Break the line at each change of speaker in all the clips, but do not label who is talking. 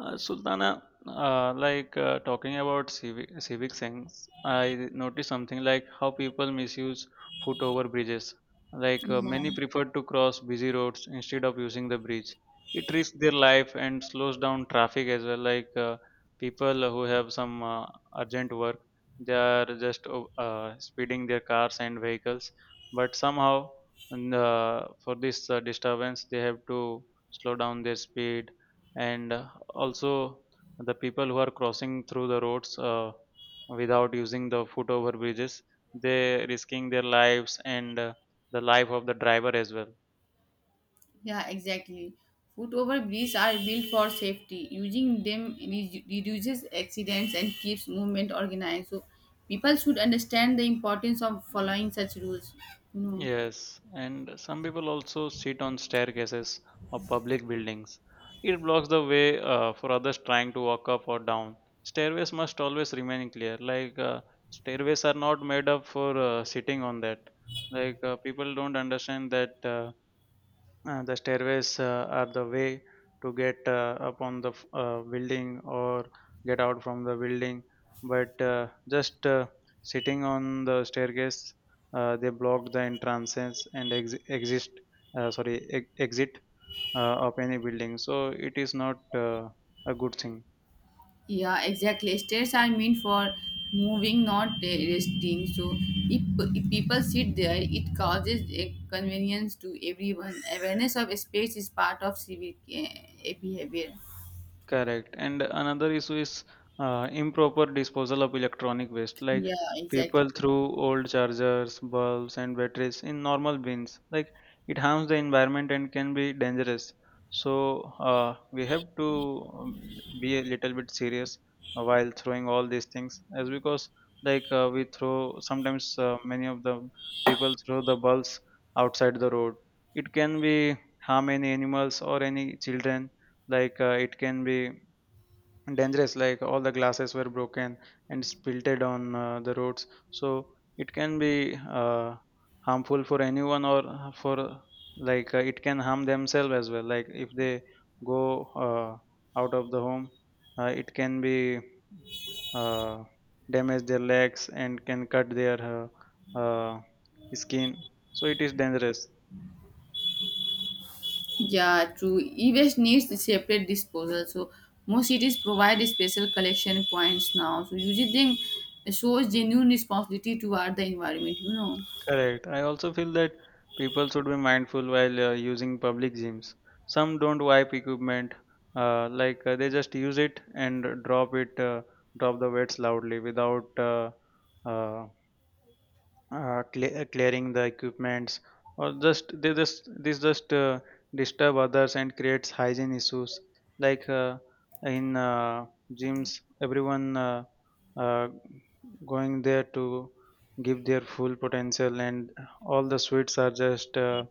Sultana, talking about civic sense, I noticed something like how people misuse foot over bridges. Many
Yeah,
prefer to cross busy roads instead of using the bridge. It risks their life and slows down traffic as well. People who have some urgent work, they are just speeding their cars and vehicles. But somehow, and, for this disturbance, they have to slow down their speed and also the people who are crossing through the roads without using the foot over bridges they risking their lives and the life of the driver as well.
yeah, exactly. Foot over bridges are built for safety. Using them reduces accidents and keeps movement organized. So people should understand the importance of following such rules. You know.
Yes, and some people also sit on staircases of public buildings. It blocks the way for others trying to walk up or down. Stairways must always remain clear. Stairways are not made up for sitting on that. People don't understand that the stairways are the way to get upon the building or get out from the building, but just sitting on the staircase they block the entrances and exit of any building, so it is not a good thing.
Yeah, exactly. Stairs are meant for moving, not resting. So if, if people sit there, it causes a convenience to everyone. Awareness of space is part of civic behavior.
Correct. And another issue is improper disposal of electronic waste, like
Yeah, exactly.
people threw old chargers, bulbs, and batteries in normal bins. Like it harms the environment and can be dangerous. So we have to be a little bit serious while throwing all these things, as because we throw sometimes many of the people throw the bulbs outside the road. It can be harm any animals or any children. It can be dangerous, like all the glasses were broken and spilted on the roads, so it can be uh, harmful for anyone or for, it can harm themselves as well, like if they go uh, out of the home it can be uh, damage their legs and can cut their uh, skin, so it is dangerous.
Yeah, true. E-waste needs separate disposal. So most cities provide special collection points now. So using them shows genuine responsibility toward the environment, you know.
Correct. I also feel that people should be mindful while using public gyms. Some don't wipe equipment, they just use it and drop it, drop the weights loudly without uh, clearing the equipments, or just they just this just disturb others and creates hygiene issues. Like in gyms everyone uh, going there to give their full potential, and all the sweets are just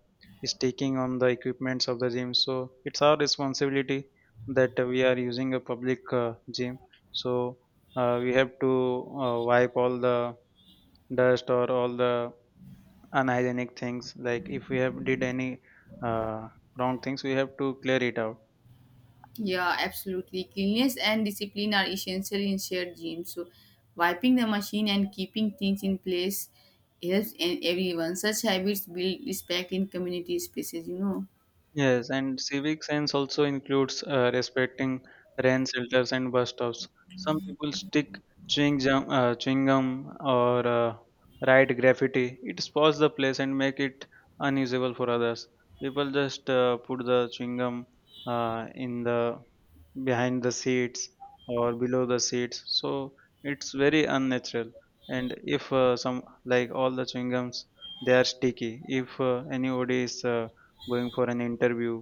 sticking on the equipments of the gym, so it's our responsibility that we are using a public gym, so we have to wipe all the dust or all the unhygienic things. Like if we have did any uh, wrong things, we have to clear it out.
Yeah, absolutely. Cleanliness and discipline are essential in shared gyms. So wiping the machine and keeping things in place helps and everyone. Such habits build respect in community spaces, you know.
Yes, and civic sense also includes respecting rain shelters and bus stops. Some people stick chewing gum or write graffiti. It spoils the place and make it unusable for others. People just put the chewing gum in the behind the seats or below the seats, so it's very unnatural. And if some, like all the chewing gums, they are sticky. If anybody is going for an interview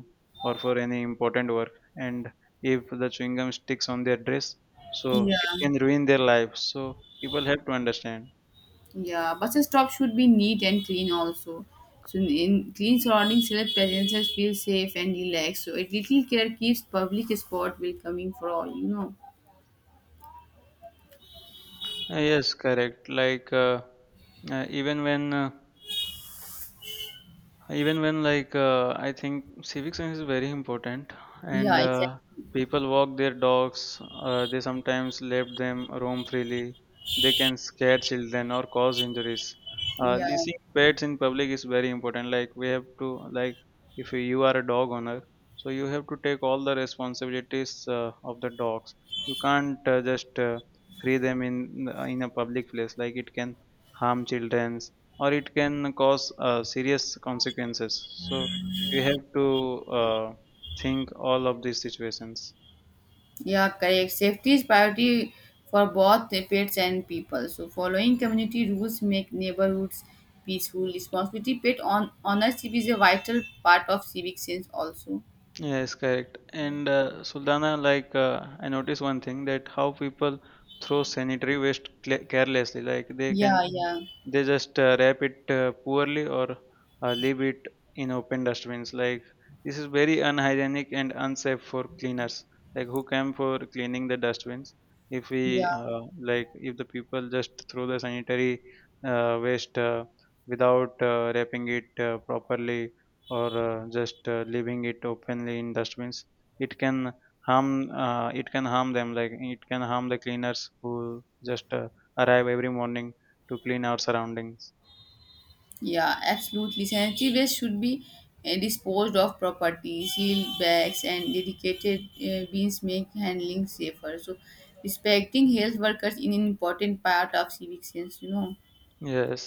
or for any important work, and if the chewing gum sticks on their dress, so
Yeah.
it can ruin their life, so people have to understand.
Yeah, bus stop should be neat and clean also. So in clean surroundings, let passengers feel safe and relaxed. So a little care keeps public sport welcoming for all. You know.
Yes, correct. Uh, even when uh, Even when I think civic sense is very important,
Yeah,
and
exactly.
people walk their dogs. They sometimes let them roam freely. They can scare children or cause injuries.
Yeah,
Leasing pets in public is very important. Like we have to, like if you are a dog owner, so you have to take all the responsibilities of the dogs. You can't just free them in a public place. Like it can harm children or it can cause serious consequences. So we have to think all of these situations.
yeah, correct. Safety is priority for both the pets and people. So following community rules make neighborhoods peaceful. Responsibility pet on honor is a vital part of civic sense also.
Yes, correct. And Sultana, I noticed one thing that how people throw sanitary waste carelessly, like they can.
Yeah,
Mhm.
yeah,
They just wrap it poorly or leave it in open dustbins. Like this is very unhygienic and unsafe for cleaners, like who come for cleaning the dustbins. If we
yeah.
like, if the people just throw the sanitary waste without wrapping it properly or just leaving it openly in dustbins, it can it can harm them. Like it can harm the cleaners who just arrive every morning to clean our surroundings.
Yeah, absolutely. Sanitary waste should be disposed of properly. Sealed bags and dedicated bins make handling safer. So, respecting health workers is an important part of civic sense, you know.
Yes,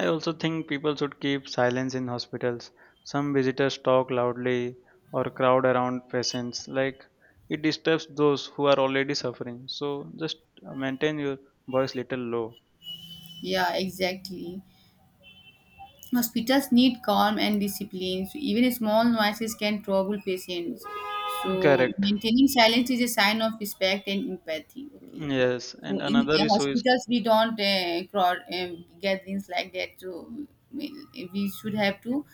I also think people should keep silence in hospitals. Some visitors talk loudly or crowd around patients. Like it disturbs those who are already suffering, so just maintain your voice little low.
Yeah, exactly. Hospitals need calm and discipline. So even small noises can trouble patients. So
Correct.
maintaining silence is a sign of respect and empathy. Okay.
Yes, and
So in
another issue is.
hospitals, we don't crowd gatherings like that. So we we should have to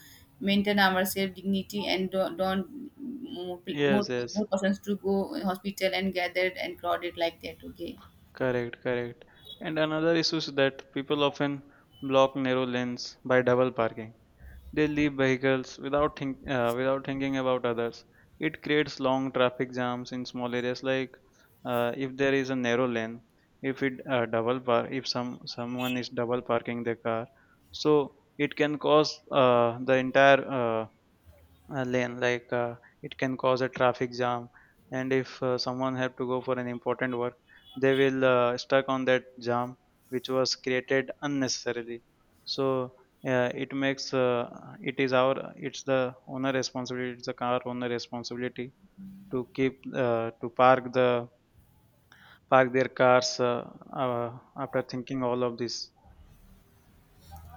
maintain ourselves dignity and don't more,
Yes,
more
yes.
more persons to go hospital and gathered and crowded like that. Okay.
Correct, correct. And another issue is that people often block narrow lanes by double parking. They leave vehicles without without thinking about others. It creates long traffic jams in small areas. If there is a narrow lane, if it double park, if someone is double parking their car, so it can cause the entire lane, it can cause a traffic jam. And if someone have to go for an important work, they will stuck on that jam, which was created unnecessarily. So it makes it is our it's the owner responsibility, it's the car owner responsibility to keep to park the park their cars uh, after thinking all of this.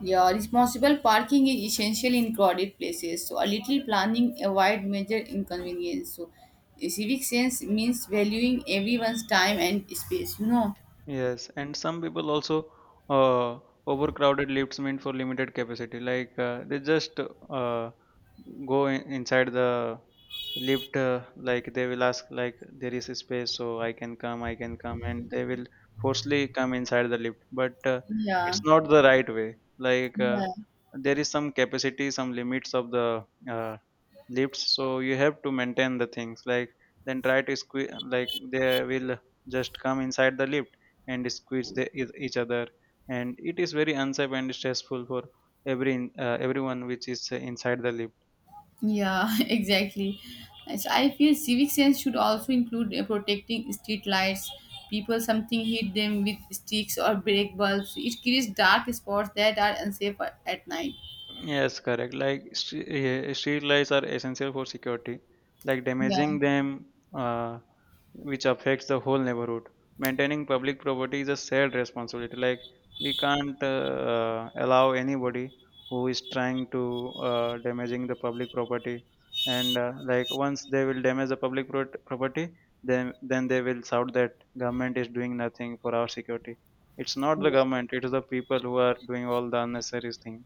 Yeah, responsible parking is essential in crowded places. So a little planning avoid major inconvenience. So a civic sense means valuing everyone's time and space, you know.
Yes, and some people also uh, overcrowded lifts meant for limited capacity. They just go inside the lift. Like they will ask, like there is a space, so I can come, and they will forcefully come inside the lift. But
Yeah.
it's not the right way.
Yeah.
There is some capacity, some limits of the lifts, so you have to maintain the things. Like then try to squeeze, like they will just come inside the lift and squeeze the, each other, and it is very unsafe and stressful for everyone which is inside the lift.
Yeah, exactly. And so I feel civic sense should also include protecting street lights. People something hit them with sticks or break bulbs. It creates dark spots that are unsafe at night.
Yes, correct. Like street lights are essential for security. Like
Yeah.
damaging them, uh, which affects the whole neighborhood. Maintaining public property is a shared responsibility. Like we can't allow anybody who is trying to damaging the public property. And once they will damage the public property, then they will shout that government is doing nothing for our security. It's not the
Yeah.
government; it is the people who are doing all the unnecessary thing.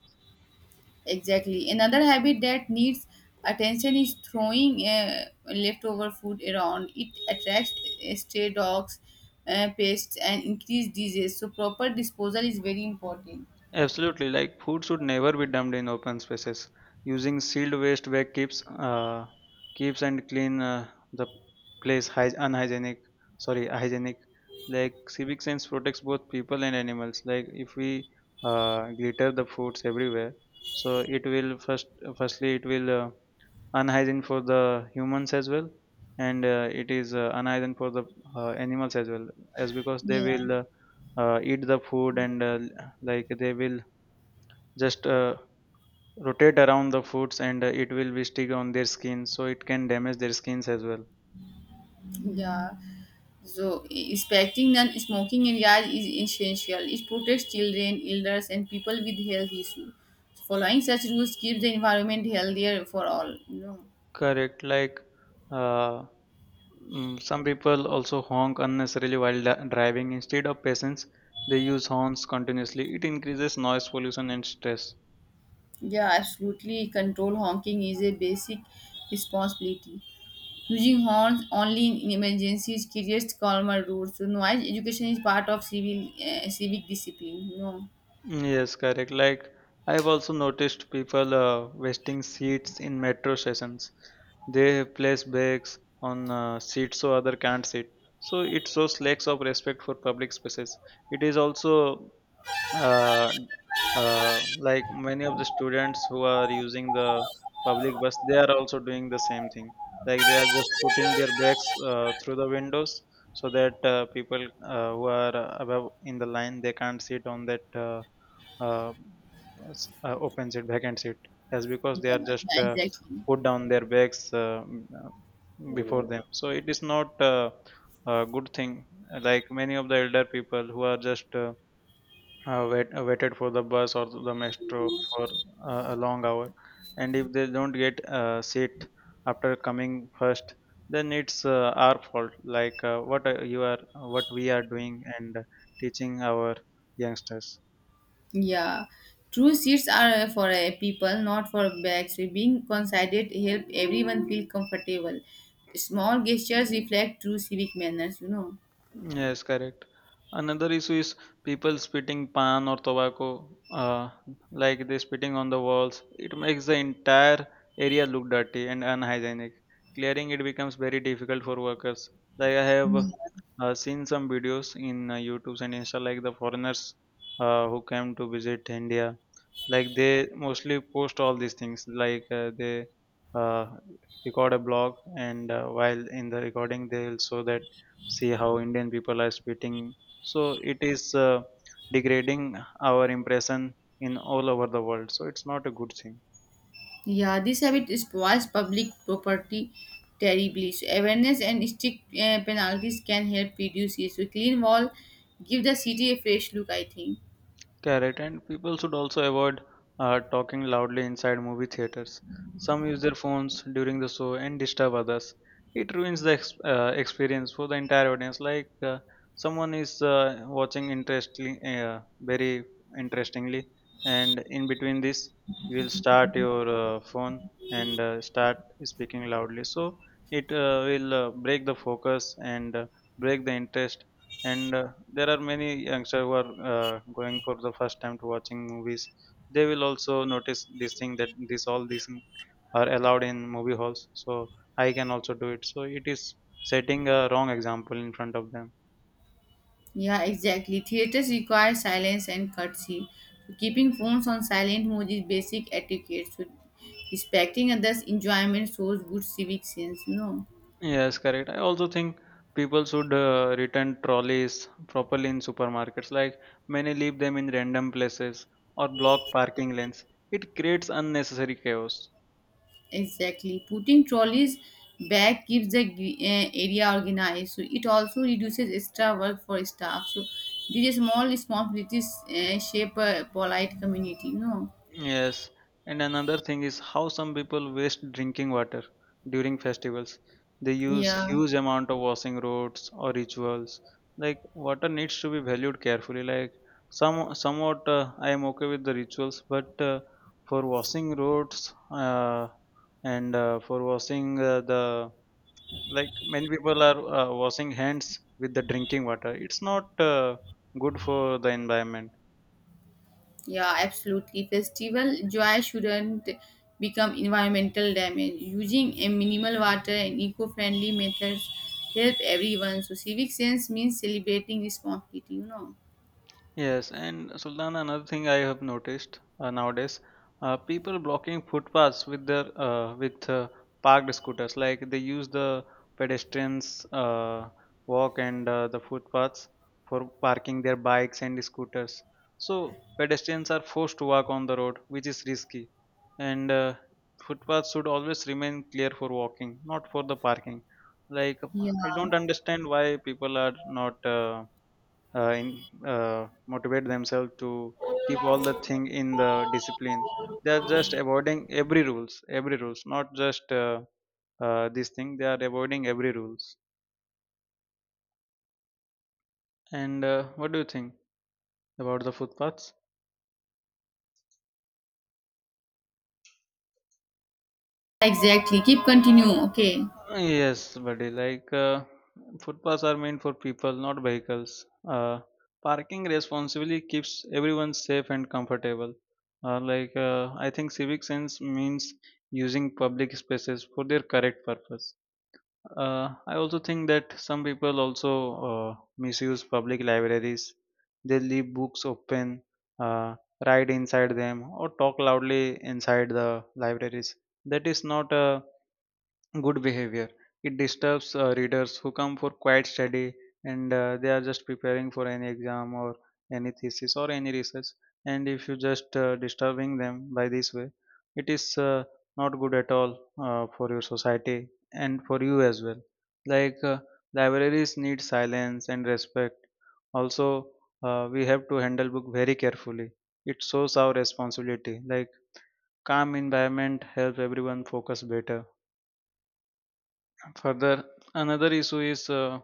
Exactly. Another habit that needs attention is throwing leftover food around. It attracts stray dogs, pests, and increased disease. So proper disposal is very important.
Absolutely. Like food should never be dumped in open spaces. Using sealed waste bag keeps keeps and clean the place unhygienic. Sorry, hygienic. Like civic sense protects both people and animals. Like if we glitter the foods everywhere, so it will first, firstly, it will unhygiene for the humans as well, and it is unhygiene for the animals as well, as because they
Yeah.
will eat the food, and like they will just rotate around the foods, and it will be stick on their skin, so it can damage their skins as well.
Yeah. So respecting non-smoking areas is essential. It protects children, elders, and people with health issues. Following such rules keeps the environment healthier for all. You know.
Correct. Uh, some people also honk unnecessarily while driving. Instead of patience, they use horns continuously. It increases noise pollution and stress.
Yeah, absolutely. Control honking is a basic responsibility. Using horns only in emergencies creates calmer routes. So noise education is part of civil civic discipline. No,
Yes, correct. Like I've also noticed people wasting seats in metro stations. They place bags on seats so other can't sit. So it shows lacks of respect for public spaces. It is also uh, uh, many of the students who are using the public bus, they are also doing the same thing, like they are just putting their bags through the windows, so that people who are above in the line they can't sit on that uh, open seat, vacant seat. That's because
yeah,
they are just
yeah, exactly.
put down their bags before them, so it is not a good thing. Like many of the elder people who are just waited for the bus or the metro for a long hour, and if they don't get a seat after coming first, then it's our fault. What we are doing and teaching our youngsters.
Yeah, true seats are for people, not for bags. So being considerate help everyone feel comfortable. Small gestures reflect true civic manners. You know.
Yes, correct. Another issue is people spitting pan or tobacco, like they spitting on the walls. It makes the entire area look dirty and unhygienic. Clearing it becomes very difficult for workers. Like I have seen some videos in YouTube and Insta, like the foreigners who came to visit India, like they mostly post all these things like they uh, record a blog, and while in the recording they'll show that, see how indian people are spitting. So it is degrading our impression in all over the world, so it's not a good thing.
Yeah, this habit spoils public property terribly. So awareness and strict penalties can help reduce it. So clean wall give the city a fresh look, I think.
Correct, and people should also avoid talking loudly inside movie theaters. Some use their phones during the show and disturb others. It ruins the experience for the entire audience. Like someone is watching interestingly, very interestingly, and in between this, you will start your phone and start speaking loudly. So it will break the focus, and break the interest, and there are many youngsters who are going for the first time to watching movies. They will also notice this thing, that this, all these thing are allowed in movie halls, so I can also do it. So it is setting a wrong example in front of them.
Yeah, exactly. Theaters require silence and courtesy. So keeping phones on silent mode is basic etiquette. So respecting others' enjoyment shows good civic sense. No,
Yes, correct. I also think people should return trolleys properly in supermarkets. Like many leave them in random places or block parking lanes. It creates unnecessary chaos.
exactly. Putting trolleys back keeps the area organized. So it also reduces extra work for staff. So these small responsibilities shape a polite community. No,
Yes, and another thing is how some people waste drinking water during festivals. They use
yeah.
huge amount of washing roads or rituals. Like water needs to be valued carefully. Like some somewhat I am okay with the rituals, but for washing roads and for washing the like many people are washing hands with the drinking water. It's not good for the environment.
Yeah, absolutely. Festival joy shouldn't become environmental damage. Using a minimal water and eco-friendly methods help everyone. So civic sense means celebrating responsibility, you know.
Yes, and Sultana, another thing I have noticed nowadays, people blocking footpaths with their with parked scooters. Like they use the pedestrians walk and the footpaths for parking their bikes and scooters. So pedestrians are forced to walk on the road, which is risky. And footpaths should always remain clear for walking, not for the parking. Like
Yeah,
I don't understand why people are not. Uh, in, motivate themselves to keep all the thing in the discipline. They are just avoiding every rules, not just this thing. They are avoiding every rules, and what do you think about the footpaths?
exactly. Keep continue. Okay.
Yes, buddy. Like footpaths are meant for people, not vehicles. Uh, Parking responsibly keeps everyone safe and comfortable. I think civic sense means using public spaces for their correct purpose. I also think that some people also misuse public libraries. They leave books open, uh, write inside them, or talk loudly inside the libraries. That is not a good behavior. It disturbs readers who come for quiet study, and they are just preparing for any exam or any thesis or any research. And if you just disturbing them by this way, it is not good at all for your society and for you as well. Like libraries need silence and respect. Also, we have to handle book very carefully. It shows our responsibility. Like calm environment helps everyone focus better. Further, another issue is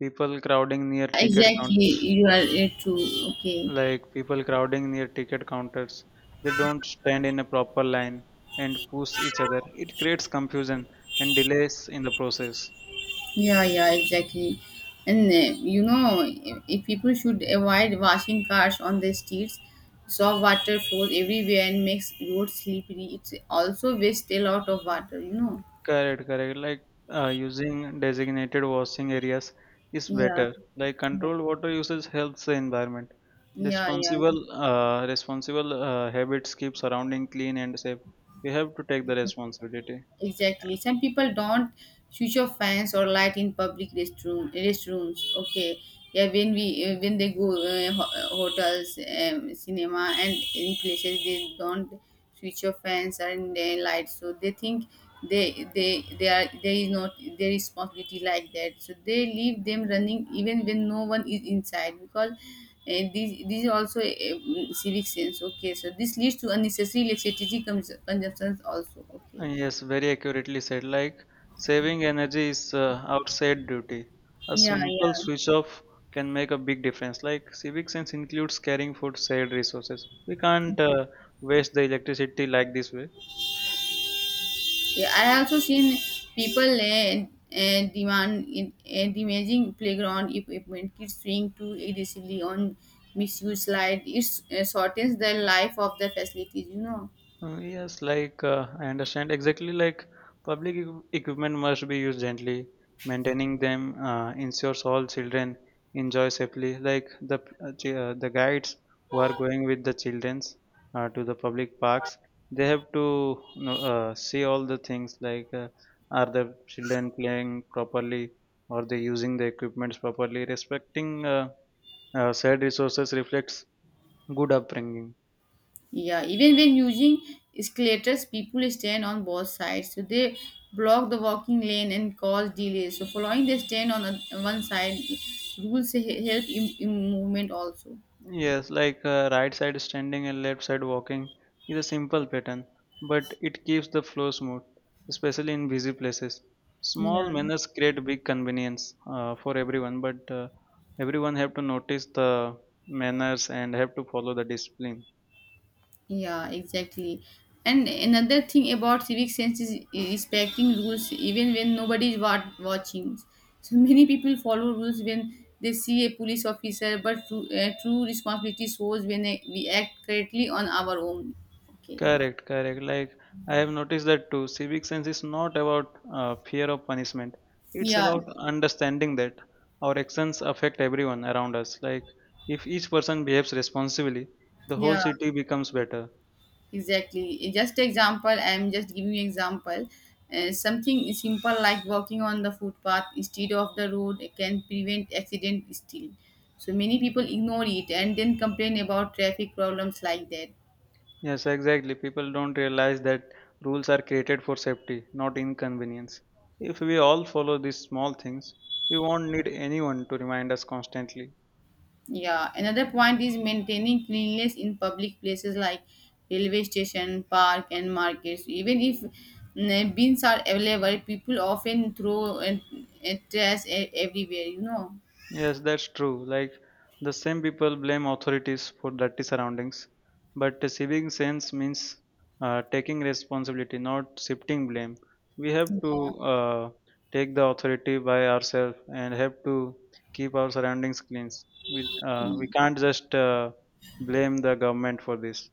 people crowding near ticket
Exactly.
counters.
You are true. Okay.
Like people crowding near ticket counters, they don't stand in a proper line and push each other. It creates confusion and delays in the process.
Yeah, yeah, exactly. And you know, if people should avoid washing cars on the streets, soft water flows everywhere and makes roads slippery. It's also wastes a lot of water, you know.
Correct, correct. Like using designated washing areas is
Yeah,
better. Like
yeah,
controlled water usage helps the environment.
yeah,
Responsible, habits keep surrounding clean and safe. We have to take the
yeah.
responsibility.
Exactly. Some people don't switch off fans or light in public restroom restrooms. Okay. Yeah, when we when they go hotels, cinema, and any places, they don't switch off fans and lights. So they think they are there is not their responsibility like that. So they leave them running even when no one is inside because. This is also a civic sense, okay, so this leads to unnecessary electricity consumptions also. Okay.
Yes, very accurately said. Like saving energy is outside duty. A
Yeah,
simple
yeah.
switch off can make a big difference. Like civic sense includes caring for shared resources. We can't waste the electricity like this way.
Yeah, I also seen people demanding playground equipment, kids swing too aggressively on misuse slide. It shortens the life of the facilities, you know.
Yes, like I understand exactly. Like public equipment must be used gently. Maintaining them ensures all children enjoy safely. Like the the guides who are going with the childrens to the public parks, they have to, you know, see all the things, like are the children playing properly, or they using the equipments properly. Respecting said resources reflects good upbringing.
Yeah, even when using escalators, people stand on both sides, so they block the walking lane and cause delays. So following the stand on one side rules help in movement also.
Yes, like right side standing and left side walking is a simple pattern, but it keeps the flow smooth, especially in busy places.
Yeah.
Small manners create big convenience for everyone, but everyone have to notice the manners and have to follow the discipline.
Yeah, exactly. And another thing about civic sense is respecting rules even when nobody is watching. So many people follow rules when they see a police officer, but true responsibility shows when we act correctly on our own. Okay.
Correct, correct. Like I have noticed that too. Civic sense is not about fear of punishment. It's
Yeah.
about understanding that our actions affect everyone around us. Like if each person behaves responsibly, the whole
Yeah.
city becomes better.
Exactly. Eh, just example, I'm just giving you example. Something simple like walking on the footpath instead of the road can prevent accident still. So many people ignore it and then complain about traffic problems like that.
Yes, exactly. People don't realize that rules are created for safety, not inconvenience. If we all follow these small things, we won't need anyone to remind us constantly.
Yeah. Another point is maintaining cleanliness in public places like railway station, park and markets. Even if bins are available, people often throw and trash everywhere, you know.
Yes, that's true. Like the same people blame authorities for dirty surroundings, but the civic sense means taking responsibility, not shifting blame. We have to take the authority by ourselves and have to keep our surroundings clean. We can't just blame the government for this.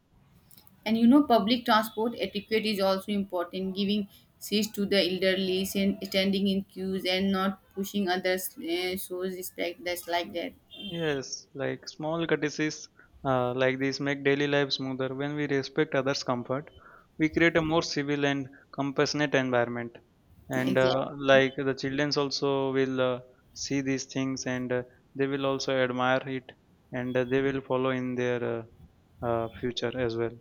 And you know, public transport etiquette is also important, giving seats to the elderly, standing in queues, and not pushing others shows respect. That's like that.
Yes, like small courtesies like these make daily life smoother. When we respect others' comfort, we create a more civil and compassionate environment. And
Exactly.
Like the children also will see these things, and they will also admire it, and they will follow in their future as well.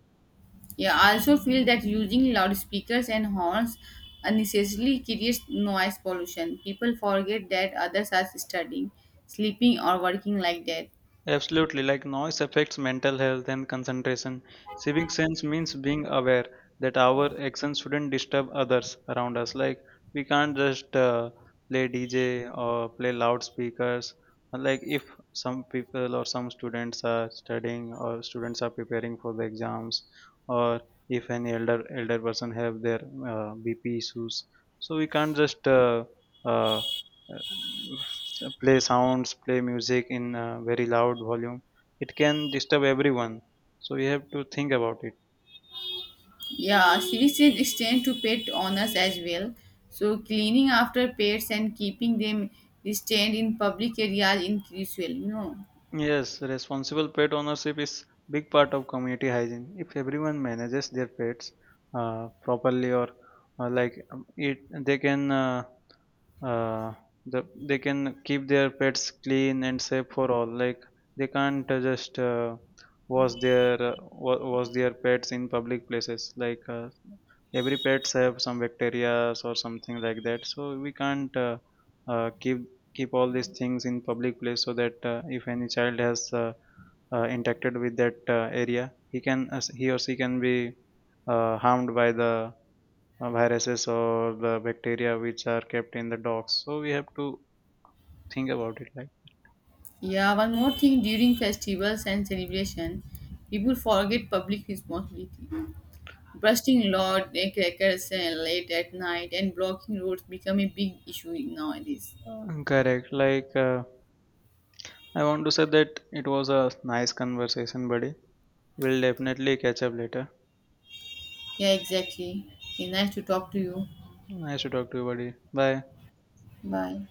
Yeah, I also feel that using loudspeakers and horns unnecessarily creates noise pollution. People forget that others are studying, sleeping, or working like that.
Absolutely, like noise affects mental health and concentration. Civic sense means being aware that our actions shouldn't disturb others around us. Like we can't just play DJ or play loudspeakers. Like if some people or some students are studying, or students are preparing for the exams, or if any elder person have their BP issues, so we can't just uh, uh, play sounds, play music in a very loud volume. It can disturb everyone. So we have to think about it.
Yeah, services extend to pet owners as well. So cleaning after pets and keeping them restrained in public areas is crucial, you know.
Yes, responsible pet ownership is big part of community hygiene. If everyone manages their pets properly, or uh, like um, it, they can uh, the they can keep their pets clean and safe for all. Like they can't just wash their wash their pets in public places. Like every pets have some bacteria or something like that, so we can't uh, keep keep all these things in public place. So that if any child has interacted with that area, he can, as he or she can be harmed by the viruses or the bacteria which are kept in the dogs. So we have to think about it.
Yeah, one more thing during festivals and celebration, people forget public responsibility. Bursting loud eh, crackers eh, late at night and blocking roads become a big issue nowadays.
Correct. Like I want to say that it was a nice conversation, buddy. We'll definitely catch up later.
Yeah, exactly. Okay, nice to talk to you.
Nice to talk to you, buddy. Bye.
Bye.